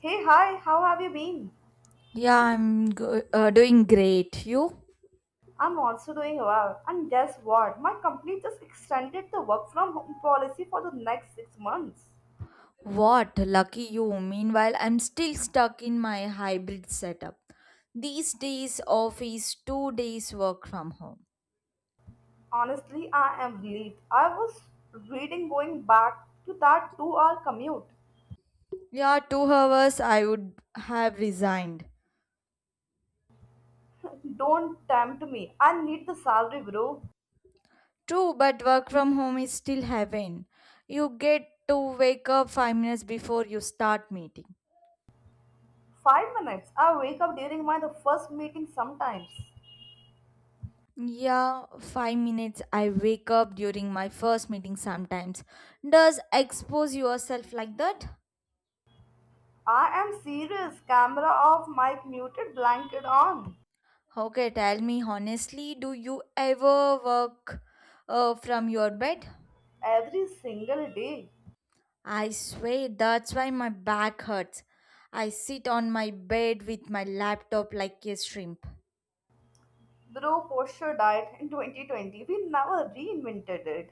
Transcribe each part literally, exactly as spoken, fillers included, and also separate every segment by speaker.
Speaker 1: Hey, hi, how have you been?
Speaker 2: Yeah, I'm go- uh, doing great. You?
Speaker 1: I'm also doing well. And guess what? My company just extended the work from home policy for the next six months.
Speaker 2: What? Lucky you. Meanwhile, I'm still stuck in my hybrid setup. These days, office, two days work from home.
Speaker 1: Honestly, I am relieved. I was reading going back to that two hour commute.
Speaker 2: Yeah, two hours I would have resigned.
Speaker 1: Don't tempt me. I need the salary, bro.
Speaker 2: True, but work from home is still heaven. You get to wake up five minutes before you start meeting.
Speaker 1: Five minutes. I wake up during my the first meeting sometimes.
Speaker 2: Yeah, five minutes I wake up during my first meeting sometimes. Does expose yourself like that?
Speaker 1: I am serious. Camera off, mic muted, blanket on.
Speaker 2: Okay, tell me honestly, do you ever work uh, from your bed?
Speaker 1: Every single day.
Speaker 2: I swear that's why my back hurts. I sit on my bed with my laptop like a shrimp.
Speaker 1: Bro posture diet in twenty twenty, we never reinvented it.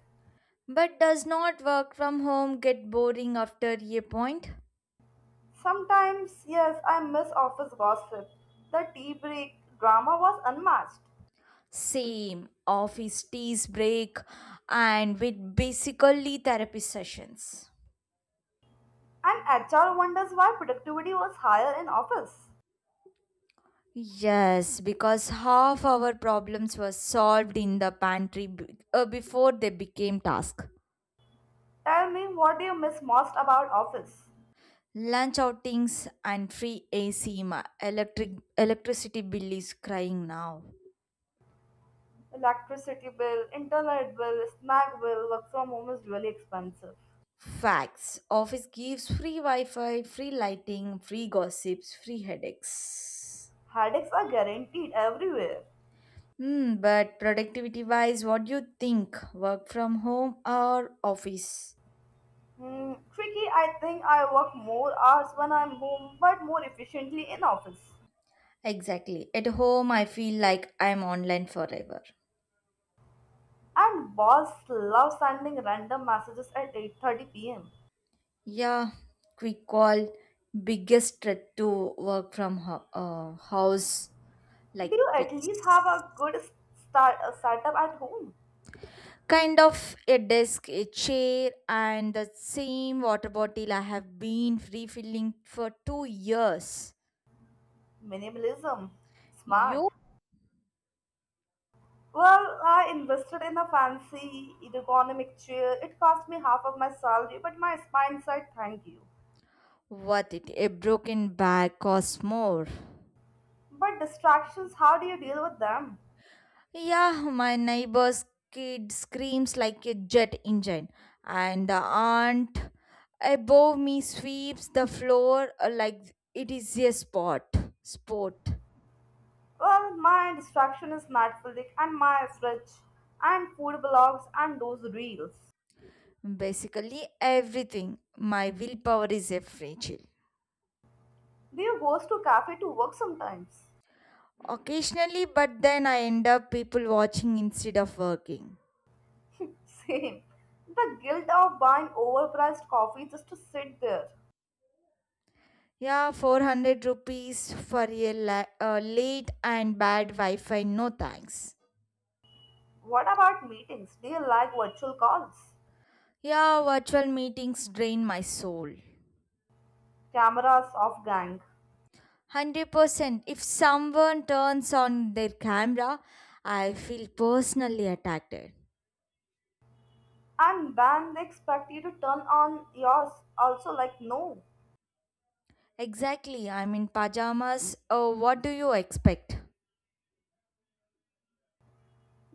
Speaker 2: But does not work from home get boring after a point?
Speaker 1: Sometimes, yes, I miss office gossip. The tea break drama was unmatched.
Speaker 2: Same, office teas break and with basically therapy sessions.
Speaker 1: And H R wonders why productivity was higher in office.
Speaker 2: Yes, because half our problems were solved in the pantry b- uh, before they became task.
Speaker 1: Tell me, what do you miss most about office?
Speaker 2: Lunch outings and free A C ma electric electricity bill is crying now.
Speaker 1: Electricity bill, internet bill, snack bill, work from home is really expensive.
Speaker 2: Facts. Office gives free Wi-Fi, free lighting, free gossips, free headaches.
Speaker 1: Headaches are guaranteed everywhere.
Speaker 2: Hmm, but productivity wise, what do you think? Work from home or office?
Speaker 1: Hmm, tricky. I think I work more hours when I'm home but more efficiently in office.
Speaker 2: Exactly. At home I feel like I'm online forever.
Speaker 1: And boss love sending random messages at eight thirty p m.
Speaker 2: Yeah, quick call. Biggest threat to work from ho- uh, house
Speaker 1: Do
Speaker 2: like
Speaker 1: you at least have
Speaker 2: peace.
Speaker 1: a good s- start uh, startup at home?
Speaker 2: Kind of a desk, a chair, and the same water bottle I have been refilling for two years.
Speaker 1: Minimalism, smart.
Speaker 2: You?
Speaker 1: Well, I invested in a fancy ergonomic chair. It cost me half of my salary, but my spine said thank you.
Speaker 2: Worth it. A broken bag costs more.
Speaker 1: But distractions, how do you deal with them?
Speaker 2: Yeah, my neighbor's kid screams like a jet engine, and the aunt above me sweeps the floor uh, like it is a sport. Sport.
Speaker 1: Well, my distraction is Netflix and my fridge and food blogs and those reels.
Speaker 2: Basically, everything. My willpower is a fragile.
Speaker 1: Do you go to cafe to work sometimes?
Speaker 2: Occasionally, but then I end up people watching instead of working.
Speaker 1: Same. The guilt of buying overpriced coffee just to sit there.
Speaker 2: Yeah, four hundred rupees for a la- uh, late and bad Wi Fi, no thanks.
Speaker 1: What about meetings? Do you like virtual calls?
Speaker 2: Yeah, virtual meetings drain my soul.
Speaker 1: Cameras off gang.
Speaker 2: one hundred percent. If someone turns on their camera, I feel personally attacked.
Speaker 1: And then they expect you to turn on yours also, like no.
Speaker 2: Exactly, I'm in pajamas. Oh, what do you expect?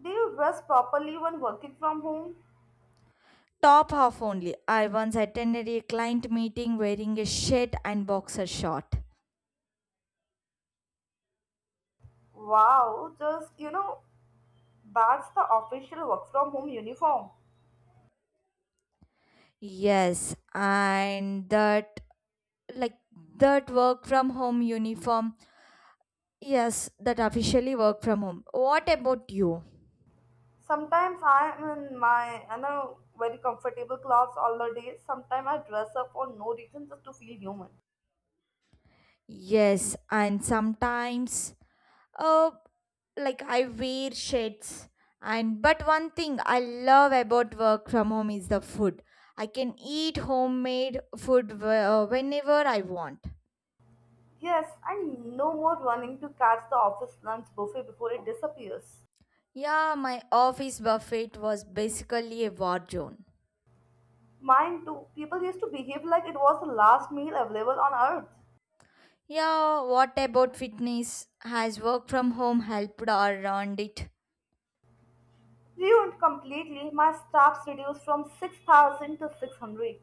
Speaker 1: Do you dress properly when working from home?
Speaker 2: Top half only. I once attended a client meeting wearing a shirt and boxer short.
Speaker 1: Wow, just you know, that's the official work from home uniform.
Speaker 2: Yes, and that like that work from home uniform. Yes, that officially work from home. What about you?
Speaker 1: Sometimes I am in my you know very comfortable clothes all the day. Sometimes I dress up for no reason just to feel human.
Speaker 2: Yes, and sometimes uh like I wear shades. And but one thing I love about work from home is the food. I can eat homemade food wh- uh, whenever I want.
Speaker 1: Yes, and no more running to catch the office lunch buffet before it disappears.
Speaker 2: Yeah, my office buffet was basically a war zone.
Speaker 1: Mine too. People used to behave like it was the last meal available on earth.
Speaker 2: Yeah, what about fitness? Has work from home helped or ruined it?
Speaker 1: Ruined completely, my staff's reduced from six thousand to six hundred.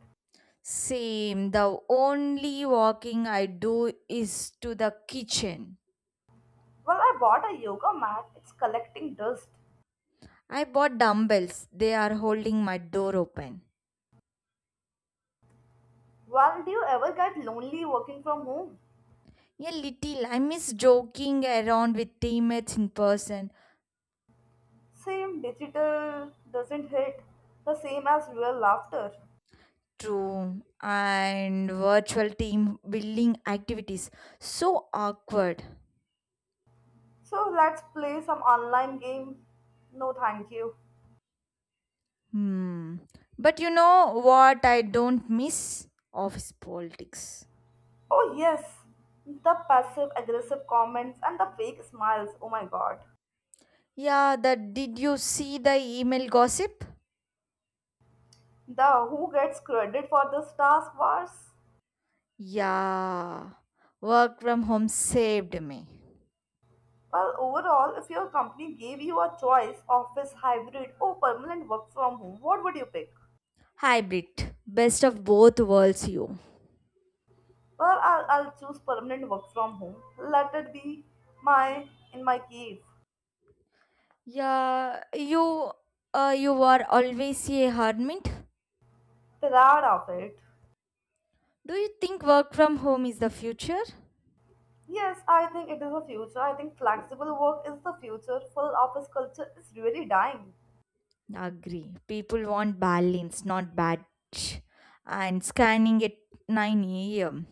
Speaker 2: Same. The only walking I do is to the kitchen.
Speaker 1: Well, I bought a yoga mat, it's collecting dust.
Speaker 2: I bought dumbbells. They are holding my door open.
Speaker 1: Well, do you ever get lonely working from home?
Speaker 2: A little. I miss joking around with teammates in person.
Speaker 1: Same, digital doesn't hit the same as real laughter.
Speaker 2: True. And virtual team building activities. So awkward.
Speaker 1: So let's play some online game. No, thank you.
Speaker 2: Hmm. But you know what I don't miss? Office politics.
Speaker 1: Oh, yes. The passive aggressive comments and the fake smiles. Oh my god.
Speaker 2: Yeah, that did you see the email gossip?
Speaker 1: The who gets credit for this task was.
Speaker 2: Yeah, work from home saved me.
Speaker 1: Well, overall, if your company gave you a choice, office, hybrid, or permanent work from home, what would you pick?
Speaker 2: Hybrid, best of both worlds, you.
Speaker 1: Well, I'll, I'll choose permanent work from home. Let it be my, in my cave.
Speaker 2: Yeah, you, uh, you are always a hermit.
Speaker 1: Proud of it.
Speaker 2: Do you think work from home is the future?
Speaker 1: Yes, I think it is the future. I think flexible work is the future. Full office culture is really dying.
Speaker 2: Agree. People want balance, not batch. And scanning at nine a m.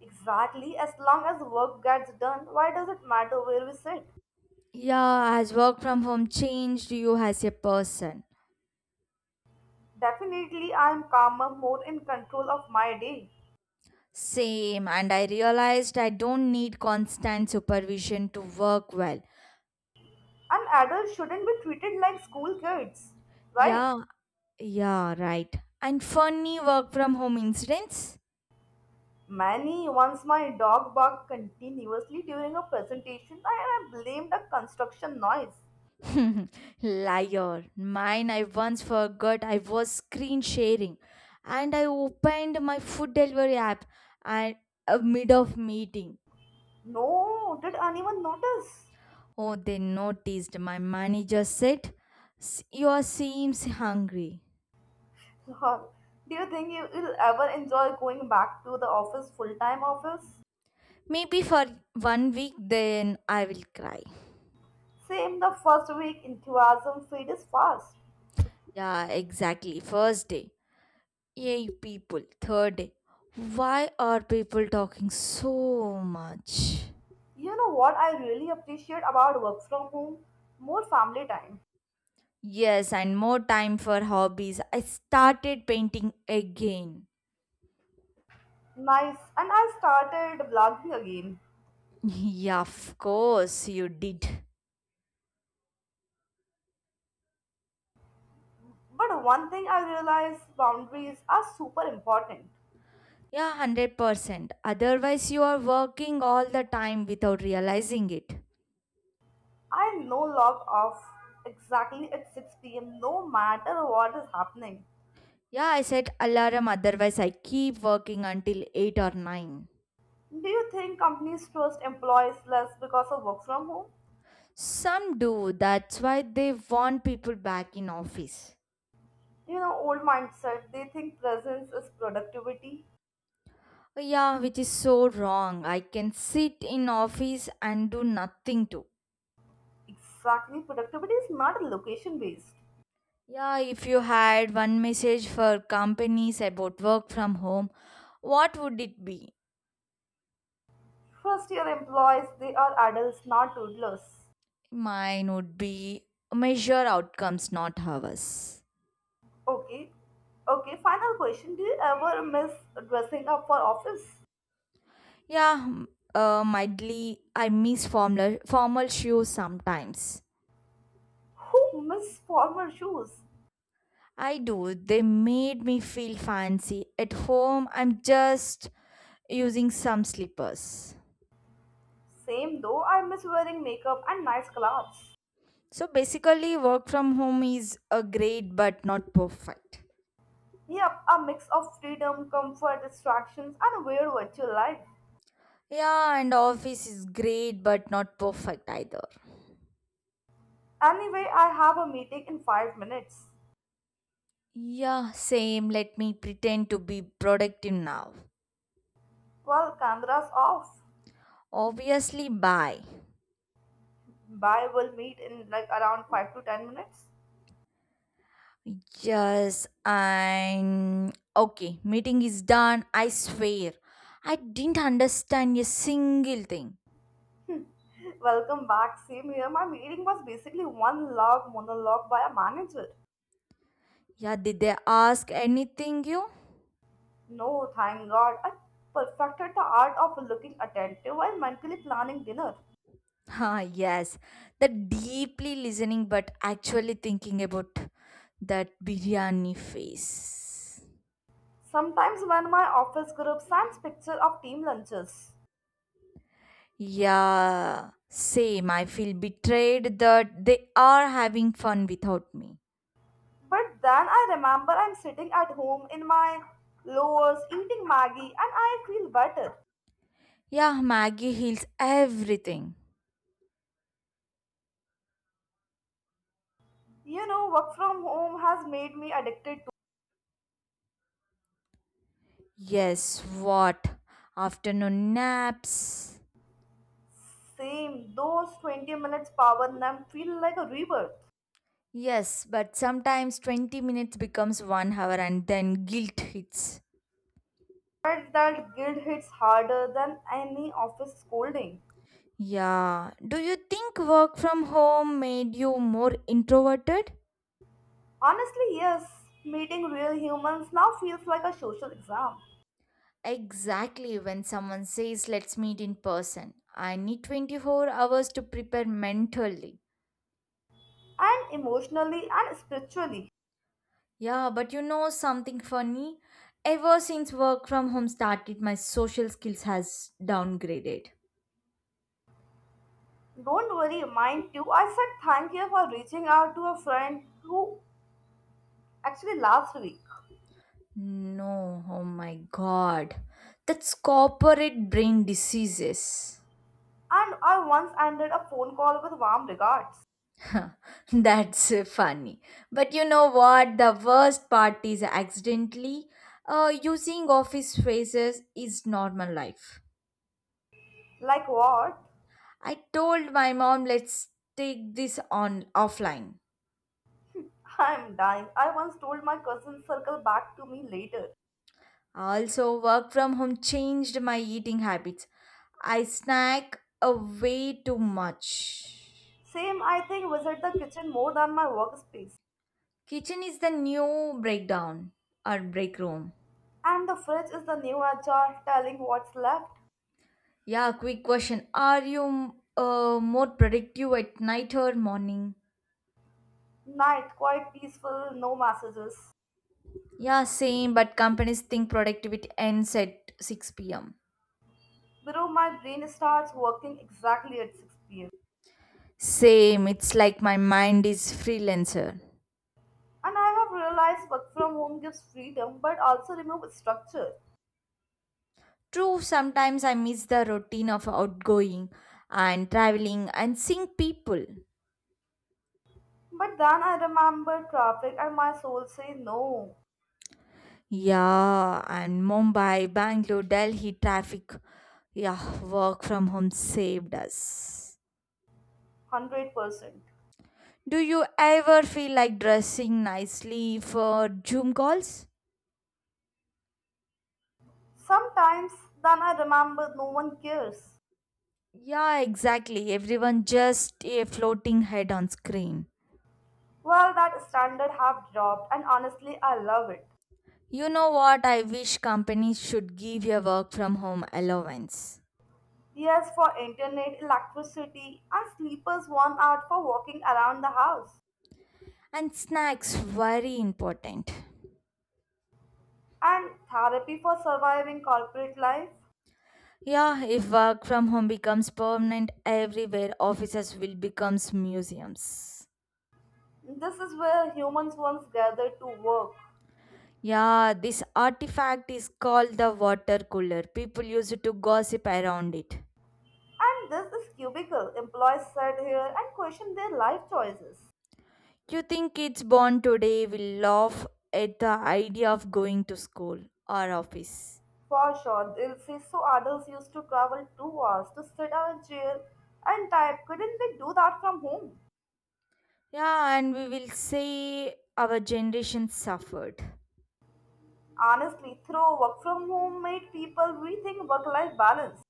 Speaker 1: Exactly, as long as work gets done, why does it matter where we sit?
Speaker 2: Yeah, has work from home changed you as a person?
Speaker 1: Definitely, I am calmer, more in control of my day.
Speaker 2: Same, and I realized I don't need constant supervision to work well.
Speaker 1: And adults shouldn't be treated like school kids, right?
Speaker 2: Yeah, yeah, right. And funny work from home incidents?
Speaker 1: Many. Once my dog barked continuously during a presentation, and I blamed the construction noise.
Speaker 2: Liar. Mine, I once forgot I was screen sharing and I opened my food delivery app and uh, mid of meeting.
Speaker 1: No, did anyone notice?
Speaker 2: Oh, they noticed. My manager said, "S- You are seems hungry.
Speaker 1: Lol. Do you think you will ever enjoy going back to the office, full time office?
Speaker 2: Maybe for one week, then I will cry.
Speaker 1: Same, the first week enthusiasm fades fast.
Speaker 2: Yeah, exactly. First day, yay, people. Third day, why are people talking so much?
Speaker 1: You know what I really appreciate about work from home? More family time.
Speaker 2: Yes, and more time for hobbies. I started painting again.
Speaker 1: Nice. And I started vlogging again.
Speaker 2: Yeah, of course, you did.
Speaker 1: But one thing I realized, boundaries are super important.
Speaker 2: Yeah, one hundred percent. Otherwise, you are working all the time without realizing it.
Speaker 1: I no log off exactly at six p m no matter what is happening.
Speaker 2: Yeah, I set alarm, otherwise, I keep working until eight or nine.
Speaker 1: Do you think companies trust employees less because of work from home?
Speaker 2: Some do, that's why they want people back in office.
Speaker 1: You know, old mindset, they think presence is productivity.
Speaker 2: Oh, yeah, which is so wrong. I can sit in office and do nothing too.
Speaker 1: Exactly, productivity is not location based.
Speaker 2: Yeah, if you had one message for companies about work from home, what would it be?
Speaker 1: First year employees, they are adults, not toddlers.
Speaker 2: Mine would be measure outcomes, not hours.
Speaker 1: Okay. Okay, final question. Do you ever miss dressing up for office?
Speaker 2: Yeah, m- uh, Mildly, I miss formal, formal shoes sometimes.
Speaker 1: Who miss formal shoes?
Speaker 2: I do. They made me feel fancy. At home, I'm just using some slippers.
Speaker 1: Same though, I miss wearing makeup and nice clothes.
Speaker 2: So basically, work from home is a great but not perfect.
Speaker 1: Yep, a mix of freedom, comfort, distractions, and a weird virtual life.
Speaker 2: Yeah, and office is great but not perfect either.
Speaker 1: Anyway, I have a meeting in five minutes.
Speaker 2: Yeah, same. Let me pretend to be productive now.
Speaker 1: Well, camera's off.
Speaker 2: Obviously, bye.
Speaker 1: Bye, we'll meet in like around five to ten minutes.
Speaker 2: Yes, and okay, meeting is done. I swear. I didn't understand a single thing.
Speaker 1: Welcome back. Same here. My meeting was basically one long monologue by a manager.
Speaker 2: Yeah, did they ask anything you?
Speaker 1: No, thank God. I perfected the art of looking attentive while mentally planning dinner.
Speaker 2: Ah, yes, the deeply listening but actually thinking about that biryani face.
Speaker 1: Sometimes when my office group sends picture of team lunches.
Speaker 2: Yeah, same. I feel betrayed that they are having fun without me.
Speaker 1: But then I remember I'm sitting at home in my lowers eating Maggie and I feel better.
Speaker 2: Yeah, Maggie heals everything.
Speaker 1: You know, work from home has made me addicted to
Speaker 2: Yes, what? Afternoon naps.
Speaker 1: same. Those twenty minutes power nap feel like a rebirth.
Speaker 2: Yes, but sometimes twenty minutes becomes one hour and then guilt hits.
Speaker 1: But that guilt hits harder than any office scolding.
Speaker 2: Yeah. Do you think work from home made you more introverted?
Speaker 1: Honestly, yes, meeting real humans now feels like a social exam.
Speaker 2: Exactly. When someone says, let's meet in person, I need twenty-four hours to prepare mentally.
Speaker 1: And emotionally and spiritually.
Speaker 2: Yeah, but you know something funny? Ever since work from home started, my social skills has downgraded.
Speaker 1: Don't worry, mind too. I said thank you for reaching out to a friend who actually last week.
Speaker 2: No, oh my god. That's corporate brain diseases.
Speaker 1: And I once ended a phone call with warm regards.
Speaker 2: That's uh, Funny. But you know what? The worst part is accidentally uh, using office phrases is normal life.
Speaker 1: Like what?
Speaker 2: I told my mom, let's take this on offline.
Speaker 1: I'm dying. I once told my cousin circle back to me later.
Speaker 2: Also, work from home changed my eating habits. I snack uh, way too much.
Speaker 1: Same, I think, visit the kitchen more than my workspace.
Speaker 2: Kitchen is the new breakdown or break room.
Speaker 1: And the fridge is the new jar telling what's left.
Speaker 2: Yeah, quick question. Are you uh, more productive at night or morning?
Speaker 1: Night, quite peaceful, no messages.
Speaker 2: Yeah, same, but companies think productivity ends at six p m.
Speaker 1: Below my brain starts working exactly at six p m.
Speaker 2: Same, it's like my mind is freelancer.
Speaker 1: And I have realized work from home gives freedom but also removes structure.
Speaker 2: True, sometimes I miss the routine of outgoing and traveling and seeing people.
Speaker 1: But then I remember traffic and my soul say no,
Speaker 2: Yeah, and Mumbai, Bangalore, Delhi traffic. Yeah, work from home saved us.
Speaker 1: one hundred percent.
Speaker 2: Do you ever feel like dressing nicely for Zoom calls?
Speaker 1: Sometimes then I remember no one cares.
Speaker 2: Yeah, exactly. Everyone just a floating head on screen.
Speaker 1: Well, that standard have dropped and honestly I love it.
Speaker 2: You know what? I wish companies should give your work from home allowance.
Speaker 1: Yes, for internet, electricity, and sleepers one out for walking around the house.
Speaker 2: And snacks, very important.
Speaker 1: And therapy for surviving corporate life.
Speaker 2: Yeah, if work from home becomes permanent everywhere, offices will become museums.
Speaker 1: This is where humans once gathered to work.
Speaker 2: Yeah, this artifact is called the water cooler. People used to gossip around it.
Speaker 1: And this is cubicle. Employees sat here and question their life choices.
Speaker 2: You think kids born today will laugh at the idea of going to school or office?
Speaker 1: For sure, they'll say so adults used to travel two hours to sit on a chair and type. Couldn't they do that from home?
Speaker 2: Yeah, and we will say our generation suffered.
Speaker 1: Honestly, through work from home made people rethink work-life balance.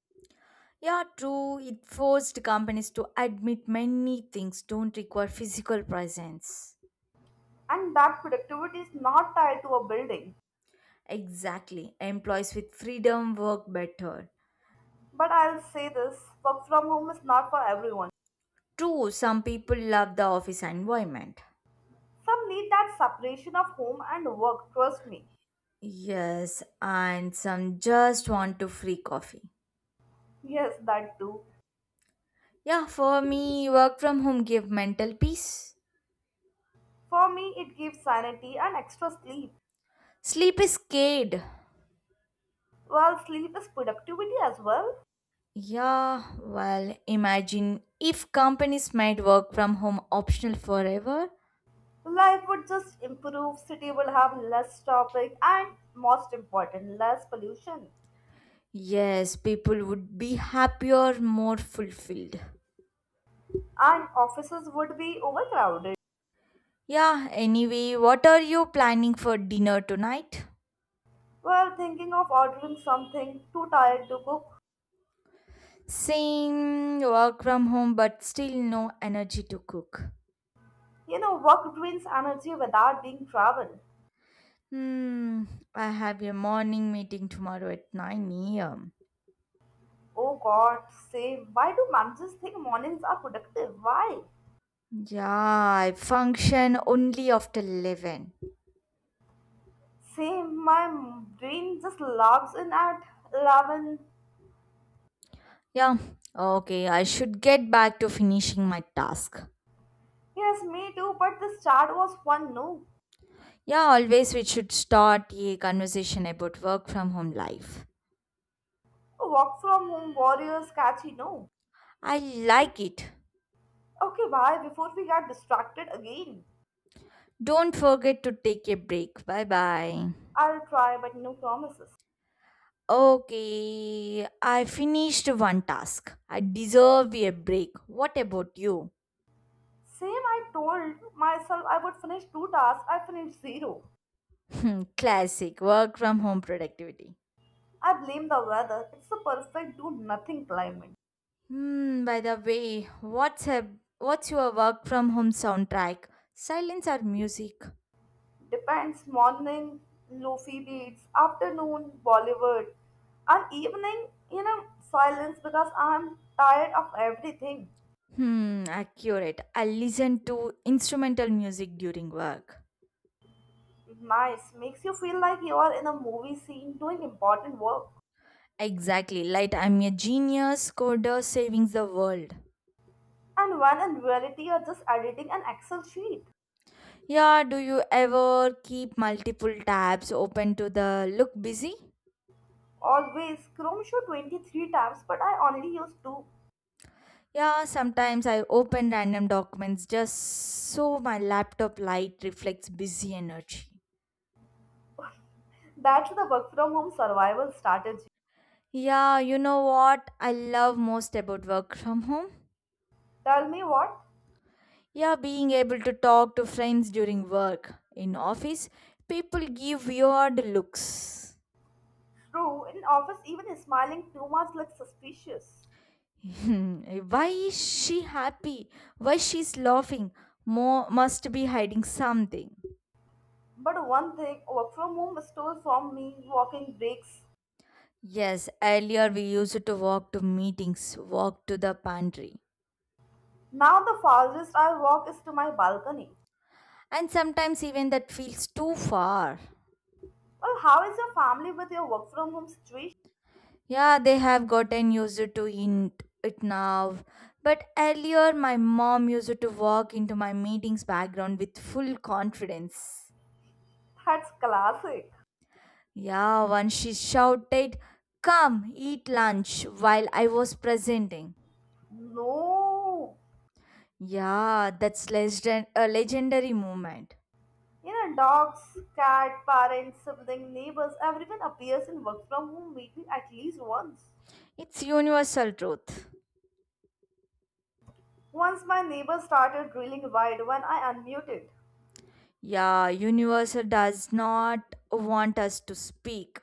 Speaker 2: Yeah, true. It forced companies to admit many things don't require physical presence.
Speaker 1: And that productivity is not tied to a building.
Speaker 2: Exactly. Employees with freedom work better.
Speaker 1: But I'll say this, work from home is not for everyone.
Speaker 2: True, some people love the office environment.
Speaker 1: Some need that separation of home and work, trust me.
Speaker 2: Yes, and some just want to free coffee.
Speaker 1: Yes, that too.
Speaker 2: Yeah, for me, work from home give mental peace.
Speaker 1: For me, it gives sanity and extra sleep.
Speaker 2: Sleep is scared.
Speaker 1: While sleep is productivity as well,
Speaker 2: Yeah, well, imagine if companies made work from home optional forever.
Speaker 1: life would just improve, city will have less traffic, and most important, less pollution.
Speaker 2: Yes, people would be happier, more fulfilled.
Speaker 1: And offices would be overcrowded.
Speaker 2: Yeah, anyway, what are you planning for dinner tonight?
Speaker 1: Well, thinking of ordering something, too tired to cook.
Speaker 2: Same work from home, but still no energy to cook.
Speaker 1: You know, work drains energy without being traveled.
Speaker 2: Hmm, I have a morning meeting tomorrow at nine a m.
Speaker 1: Oh God, same. Why do managers think mornings are productive? Why?
Speaker 2: Yeah, I function only after eleven.
Speaker 1: Same. My m- brain just logs in at eleven.
Speaker 2: Yeah, okay, I should get back to finishing my task.
Speaker 1: Yes, me too, but this chart was fun, no?
Speaker 2: Yeah, always we should start a conversation about work from home life.
Speaker 1: A walk from home, warriors, catchy, no?
Speaker 2: I like it.
Speaker 1: Okay, bye, before we get distracted again.
Speaker 2: Don't forget to take a break. Bye bye.
Speaker 1: I'll try, but no promises.
Speaker 2: Okay, I finished one task. I deserve a break. What about you?
Speaker 1: Same, I told myself I would finish two tasks, I finished zero.
Speaker 2: Hmm, Classic work from home productivity.
Speaker 1: I blame the weather. It's the perfect do nothing climate.
Speaker 2: Hmm, by the way, what's a, what's your work from home soundtrack? Silence or music?
Speaker 1: Depends, morning lofi beats, afternoon Bollywood, and evening, you know, silence because I'm tired of everything.
Speaker 2: Hmm, accurate. I listen to instrumental music during work.
Speaker 1: Nice, makes you feel like you are in a movie scene doing important work.
Speaker 2: Exactly, like I'm a genius coder saving the world.
Speaker 1: And when in reality you're just editing an Excel sheet.
Speaker 2: Yeah, do you ever keep multiple tabs open to the look busy?
Speaker 1: Always Chrome show twenty-three tabs, but I only use two.
Speaker 2: Yeah, sometimes I open random documents just so my laptop light reflects busy energy.
Speaker 1: That's the work from home survival strategy.
Speaker 2: Yeah, you know what I love most about work from home?
Speaker 1: Tell me what?
Speaker 2: Yeah, being able to talk to friends during work. In office, people give weird looks.
Speaker 1: True, in office even smiling too much looks suspicious.
Speaker 2: Hmm, Why is she happy? Why she's laughing? Mo must be hiding something.
Speaker 1: But one thing, work from home stole from me, walking breaks.
Speaker 2: Yes, earlier we used to walk to meetings, walk to the pantry.
Speaker 1: Now the farthest I walk is to my balcony.
Speaker 2: And sometimes even that feels too far.
Speaker 1: Well, how is your family with your work from home situation?
Speaker 2: Yeah, they have gotten used to in- it now. But earlier my mom used to walk into my meetings background with full confidence.
Speaker 1: That's classic.
Speaker 2: Yeah, once she shouted, "Come, eat lunch," while I was presenting.
Speaker 1: No.
Speaker 2: Yeah, that's legend- a legendary moment.
Speaker 1: You know, dogs, cat, parents, sibling, neighbors, everyone appears in work from home meeting at least once.
Speaker 2: It's universal truth.
Speaker 1: Once my neighbor started drilling wide when I unmuted.
Speaker 2: Yeah, universe does not want us to speak.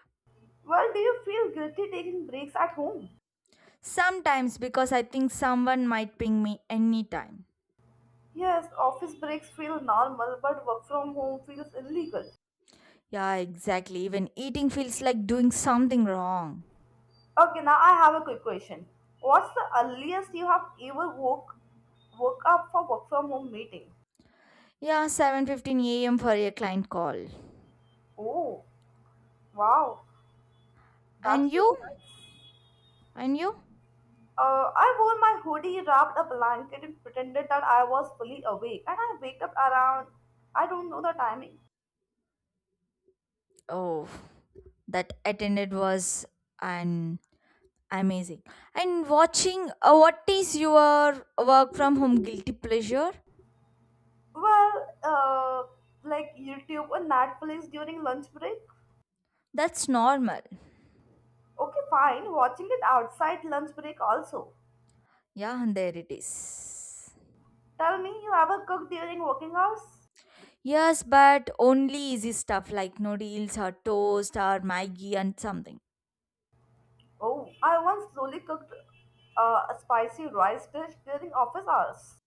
Speaker 1: Well, do you feel guilty taking breaks at home?
Speaker 2: Sometimes because I think someone might ping me anytime.
Speaker 1: Yes, office breaks feel normal, but work from home feels illegal.
Speaker 2: Yeah, exactly. Even eating feels like doing something wrong.
Speaker 1: Okay, now I have a quick question. What's the earliest you have ever woke woke up for work from home meeting?
Speaker 2: Yeah, seven fifteen a m for a client call.
Speaker 1: Oh, wow, that's
Speaker 2: And
Speaker 1: really
Speaker 2: you?
Speaker 1: nice.
Speaker 2: And you?
Speaker 1: Uh, I wore my hoodie, wrapped a blanket, and pretended that I was fully awake. And I wake up around, I don't know the timing.
Speaker 2: Oh, that attended was an amazing. And watching uh, what is your work from home guilty pleasure?
Speaker 1: Well, uh, like YouTube and Netflix during lunch break.
Speaker 2: That's normal.
Speaker 1: Okay, fine, watching it outside lunch break also.
Speaker 2: Yeah, and there it is.
Speaker 1: Tell me, you ever cook during working hours?
Speaker 2: Yes, but only easy stuff like noodles or toast or Maggie and something.
Speaker 1: Oh, I once slowly cooked uh, a spicy rice dish during office hours.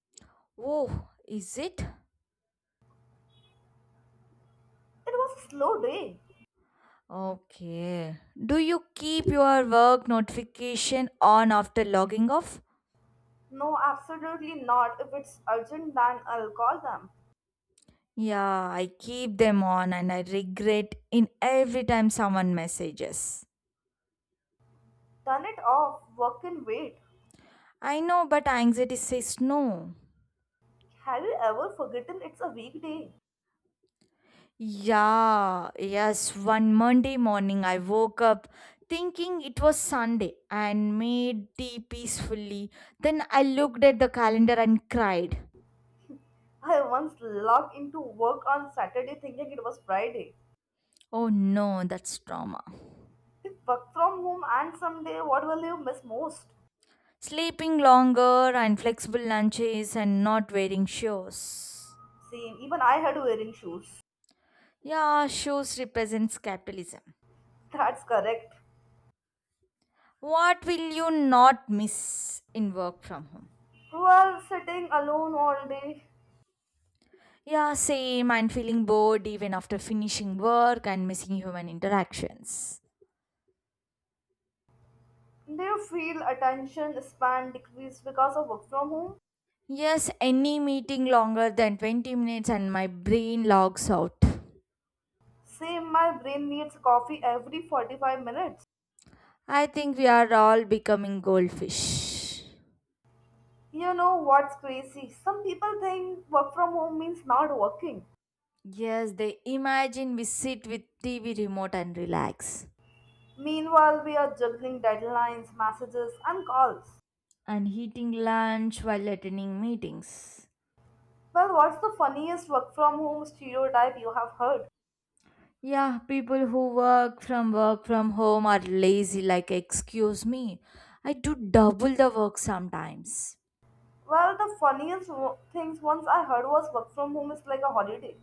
Speaker 2: Oh, is it?
Speaker 1: It was a slow day.
Speaker 2: Okay. Do you keep your work notification on after logging off?
Speaker 1: No, absolutely not. If it's urgent, then I'll call them.
Speaker 2: Yeah, I keep them on and I regret in every time someone messages.
Speaker 1: Turn it off. Work can wait.
Speaker 2: I know, but anxiety says no.
Speaker 1: Have you ever forgotten it's a weekday?
Speaker 2: Yeah, yes. One Monday morning, I woke up thinking it was Sunday and made tea peacefully. Then I looked at the calendar and cried.
Speaker 1: I once logged into work on Saturday thinking it was Friday.
Speaker 2: Oh no, that's trauma.
Speaker 1: With work from home and someday, what will you miss most?
Speaker 2: Sleeping longer and flexible lunches and not wearing shoes.
Speaker 1: Same, even I had wearing shoes.
Speaker 2: Yeah, shoes represents capitalism.
Speaker 1: That's correct.
Speaker 2: What will you not miss in work from home?
Speaker 1: Well, sitting alone all day.
Speaker 2: Yeah, same. I'm feeling bored even after finishing work and missing human interactions.
Speaker 1: Do you feel attention span decreased because of work from home?
Speaker 2: Yes, any meeting longer than twenty minutes and my brain logs out.
Speaker 1: Same, my brain needs coffee every forty-five minutes.
Speaker 2: I think we are all becoming goldfish.
Speaker 1: You know what's crazy? Some people think work from home means not working.
Speaker 2: Yes, they imagine we sit with T V remote and relax
Speaker 1: Meanwhile, we are juggling deadlines, messages, and calls.
Speaker 2: and eating lunch while attending meetings.
Speaker 1: Well, what's the funniest work from home stereotype you have heard?
Speaker 2: Yeah, people who work from work from home are lazy, like excuse me. I do double the work sometimes.
Speaker 1: Well, the funniest wo- things once I heard was work from home is like a holiday.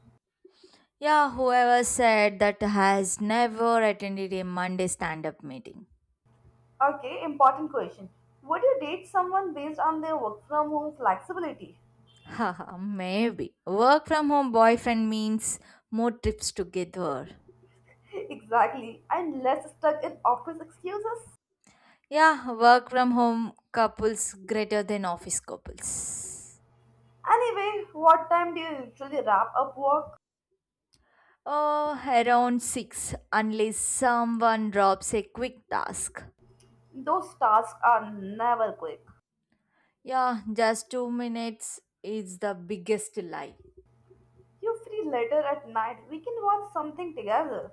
Speaker 2: Yeah, whoever said that has never attended a Monday stand up meeting.
Speaker 1: Okay, important question. Would you date someone based on their work from home flexibility?
Speaker 2: Haha, maybe. Work from home boyfriend means more trips together.
Speaker 1: Exactly, and less stuck in office excuses.
Speaker 2: Yeah, work from home couples greater than office couples.
Speaker 1: Anyway, what time do you usually wrap up work?
Speaker 2: Oh, around six, unless someone drops a quick task.
Speaker 1: Those tasks are never quick.
Speaker 2: Yeah, just two minutes is the biggest lie.
Speaker 1: You free later at night? We can watch something together.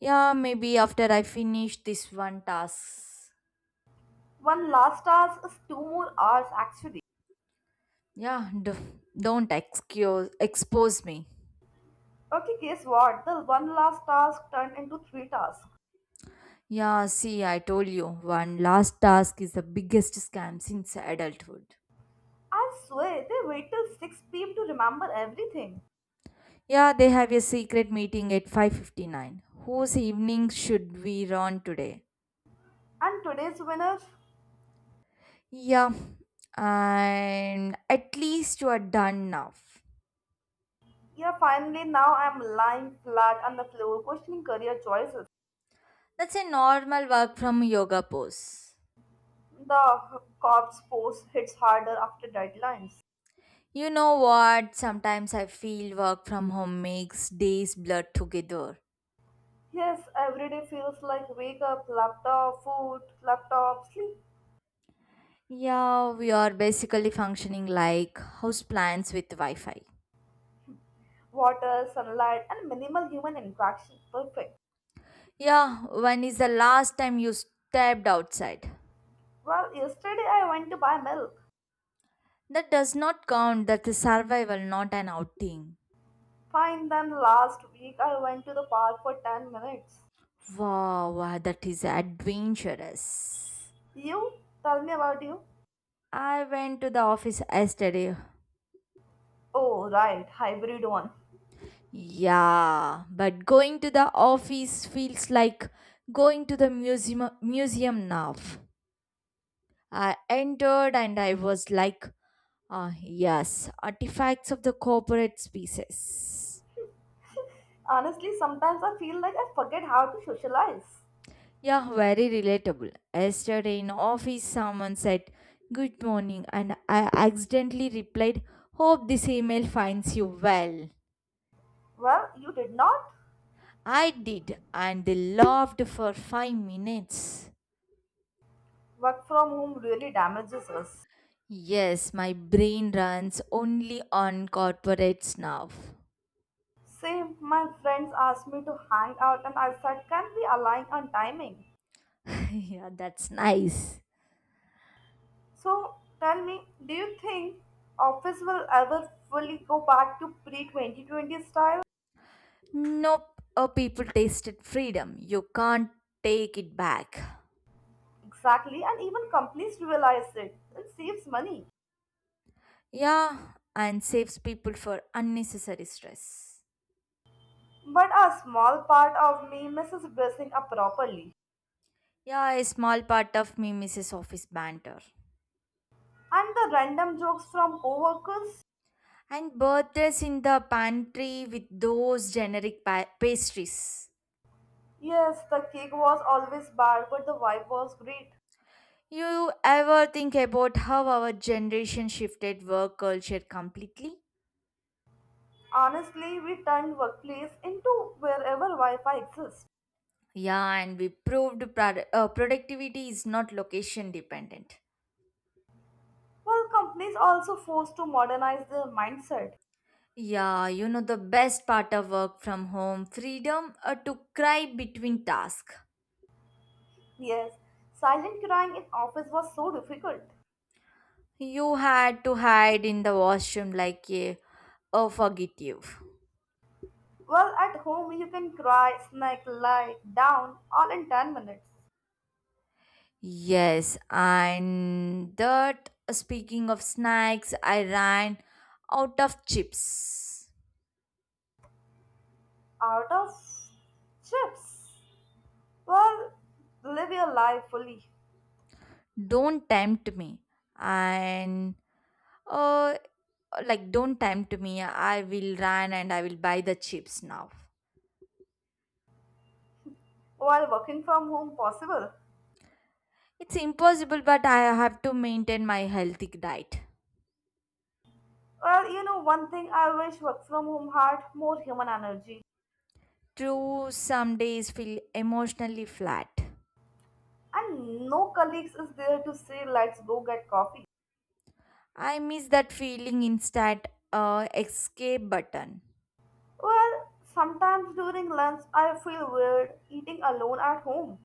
Speaker 2: Yeah, maybe after I finish this one task.
Speaker 1: One last task is two more hours actually.
Speaker 2: Yeah, d- don't excuse, expose me.
Speaker 1: Okay, guess what? The one last task turned into three tasks.
Speaker 2: Yeah, see, I told you, one last task is the biggest scam since adulthood.
Speaker 1: I swear, they wait till six p m to remember everything.
Speaker 2: Yeah, they have a secret meeting at five fifty-nine. Whose evening should we run today?
Speaker 1: And today's winner?
Speaker 2: Yeah, and at least you are done now.
Speaker 1: Yeah, finally now I'm lying flat on the floor questioning career choices.
Speaker 2: That's a normal work from yoga pose.
Speaker 1: The corps force hits harder after deadlines.
Speaker 2: You know what? Sometimes I feel work from home makes days blur together.
Speaker 1: Yes, every day feels like wake up, laptop, food, laptop, sleep,
Speaker 2: Yeah, we are basically functioning like house plants with Wi-Fi.
Speaker 1: water, sunlight, and minimal human interaction. Perfect.
Speaker 2: Yeah, when is the last time you stepped outside?
Speaker 1: Well, yesterday I went to buy milk.
Speaker 2: That does not count. That is survival, not an outing.
Speaker 1: Fine, then last week I went to the park for ten minutes.
Speaker 2: Wow, wow, that is adventurous.
Speaker 1: You? Tell me about you.
Speaker 2: I went to the office yesterday.
Speaker 1: Oh, right, hybrid one.
Speaker 2: Yeah, but going to the office feels like going to the museum museum now. I entered and I was like, ah, yes, artifacts of the corporate species.
Speaker 1: Honestly, sometimes I feel like I forget how to socialize.
Speaker 2: Yeah, very relatable. Yesterday in office, someone said, "Good morning," and I accidentally replied, "Hope this email finds you well."
Speaker 1: Well, you did not.
Speaker 2: I did, and they laughed for five minutes.
Speaker 1: Work from home really damages us.
Speaker 2: Yes, my brain runs only on corporates now.
Speaker 1: Same, my friends asked me to hang out, and I said, "Can we align on timing?"
Speaker 2: Yeah, that's nice.
Speaker 1: So tell me, do you think office will ever fully go back to pre twenty twenty style?
Speaker 2: Nope, oh, people tasted freedom. You can't take it back.
Speaker 1: Exactly, and even companies realize it. It saves money.
Speaker 2: Yeah, and saves people for unnecessary stress.
Speaker 1: But a small part of me misses dressing up properly.
Speaker 2: Yeah, a small part of me misses office banter.
Speaker 1: And the random jokes from coworkers?
Speaker 2: And birthdays in the pantry with those generic pa- pastries.
Speaker 1: Yes, the cake was always bad, but the vibe was great.
Speaker 2: You ever think about how our generation shifted work culture completely?
Speaker 1: Honestly, we turned workplace into wherever Wi Fi exists.
Speaker 2: Yeah, and we proved prod- uh, productivity is not location dependent.
Speaker 1: While companies also forced to modernize their mindset.
Speaker 2: Yeah, you know the best part of work from home freedom, uh, to cry between tasks.
Speaker 1: Yes, silent crying in office was so difficult.
Speaker 2: You had to hide in the washroom like a, a fugitive.
Speaker 1: Well, at home you can cry, snake, lie down all in ten minutes.
Speaker 2: Yes, and that speaking of snacks, I ran out of chips.
Speaker 1: Out of chips. Well, live your life fully
Speaker 2: Don't tempt me. And uh like don't tempt me. I will run and I will buy the chips now.
Speaker 1: while working from home possible.
Speaker 2: It's impossible, but I have to maintain my healthy diet.
Speaker 1: Well, you know, one thing I wish work from home had more human energy.
Speaker 2: True, some days feel emotionally flat.
Speaker 1: And no colleagues is there to say, let's go get coffee.
Speaker 2: I miss that feeling, instant uh, escape button.
Speaker 1: Well, sometimes during lunch I feel weird eating alone at home.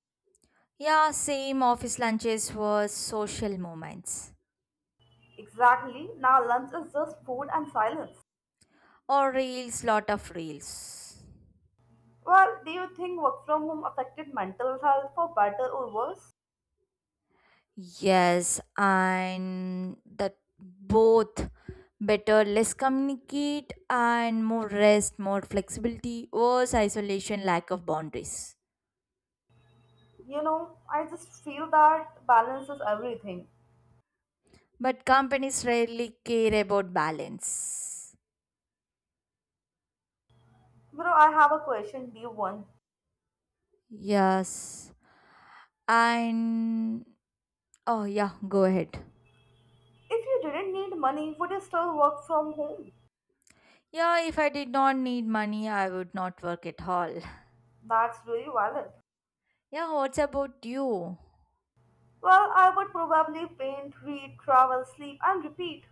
Speaker 2: Yeah, same, office lunches were social moments.
Speaker 1: Exactly, now lunch is just food and silence.
Speaker 2: Or reels, lot of reels.
Speaker 1: Well, do you think work from home affected mental health for better or worse?
Speaker 2: Yes, and that both, better, less communicate and more rest, more flexibility, worse isolation, lack of boundaries.
Speaker 1: You know, I just feel that balance is everything.
Speaker 2: But companies rarely care about balance.
Speaker 1: Bro, I have a question, do you want?
Speaker 2: Yes, and oh, yeah, go ahead.
Speaker 1: If you didn't need money, would you still work from home?
Speaker 2: Yeah, if I did not need money, I would not work at all.
Speaker 1: That's really valid.
Speaker 2: Yeah, what's about you?
Speaker 1: Well, I would probably paint, read, travel, sleep, and repeat.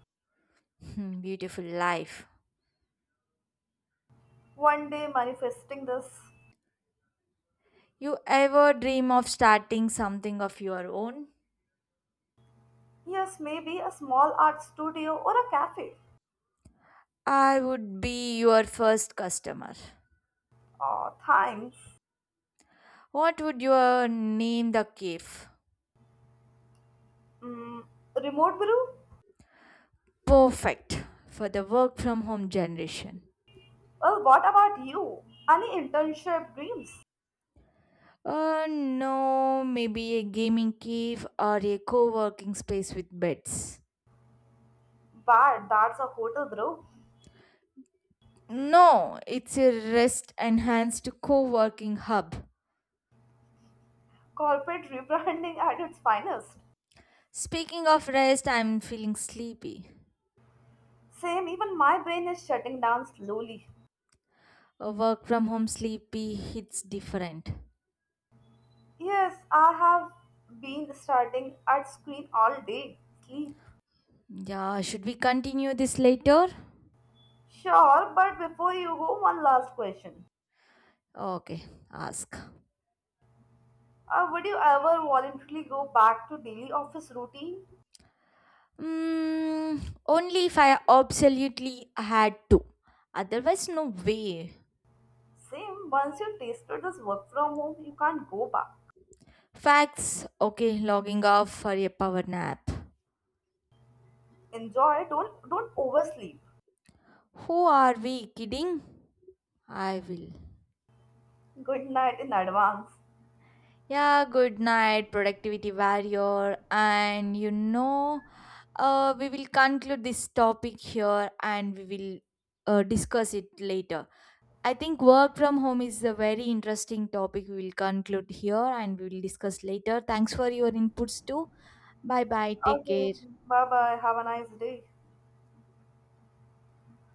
Speaker 2: Hmm, beautiful life.
Speaker 1: One day manifesting this.
Speaker 2: You ever dream of starting something of your own?
Speaker 1: Yes, maybe a small art studio or a cafe.
Speaker 2: I would be your first customer.
Speaker 1: Oh, thanks.
Speaker 2: What would you name the cave?
Speaker 1: Mm, remote brew?
Speaker 2: Perfect for the work from home generation.
Speaker 1: Well, what about you? Any internship dreams?
Speaker 2: Uh, no, maybe a gaming cave or a co working space with beds.
Speaker 1: Bad, that's a hotel, bro.
Speaker 2: No, it's a rest enhanced co working hub.
Speaker 1: Corporate rebranding at its finest.
Speaker 2: Speaking of rest, I'm feeling sleepy.
Speaker 1: Same, even my brain is shutting down slowly.
Speaker 2: Uh, work from home sleepy hits different.
Speaker 1: Yes, I have been starting at screen all day. Sleep.
Speaker 2: Yeah, should we continue this later?
Speaker 1: Sure, but before you go, one last question.
Speaker 2: Okay, ask.
Speaker 1: Uh, would you ever voluntarily go back to daily office routine?
Speaker 2: Mm, only if I absolutely had to. Otherwise, no way.
Speaker 1: Same, once you tasted this work from home, you can't go back.
Speaker 2: Facts. Okay, logging off for a power nap.
Speaker 1: Enjoy, don't don't oversleep.
Speaker 2: Who are we kidding? I will.
Speaker 1: Good night in advance.
Speaker 2: Yeah, good night, productivity warrior. And you know, Uh, we will conclude this topic here and we will uh, discuss it later. I think work from home is a very interesting topic. We will conclude here and we will discuss later. Thanks for your inputs too. Bye bye. Take
Speaker 1: Okay,
Speaker 2: care.
Speaker 1: bye bye. Have a nice day.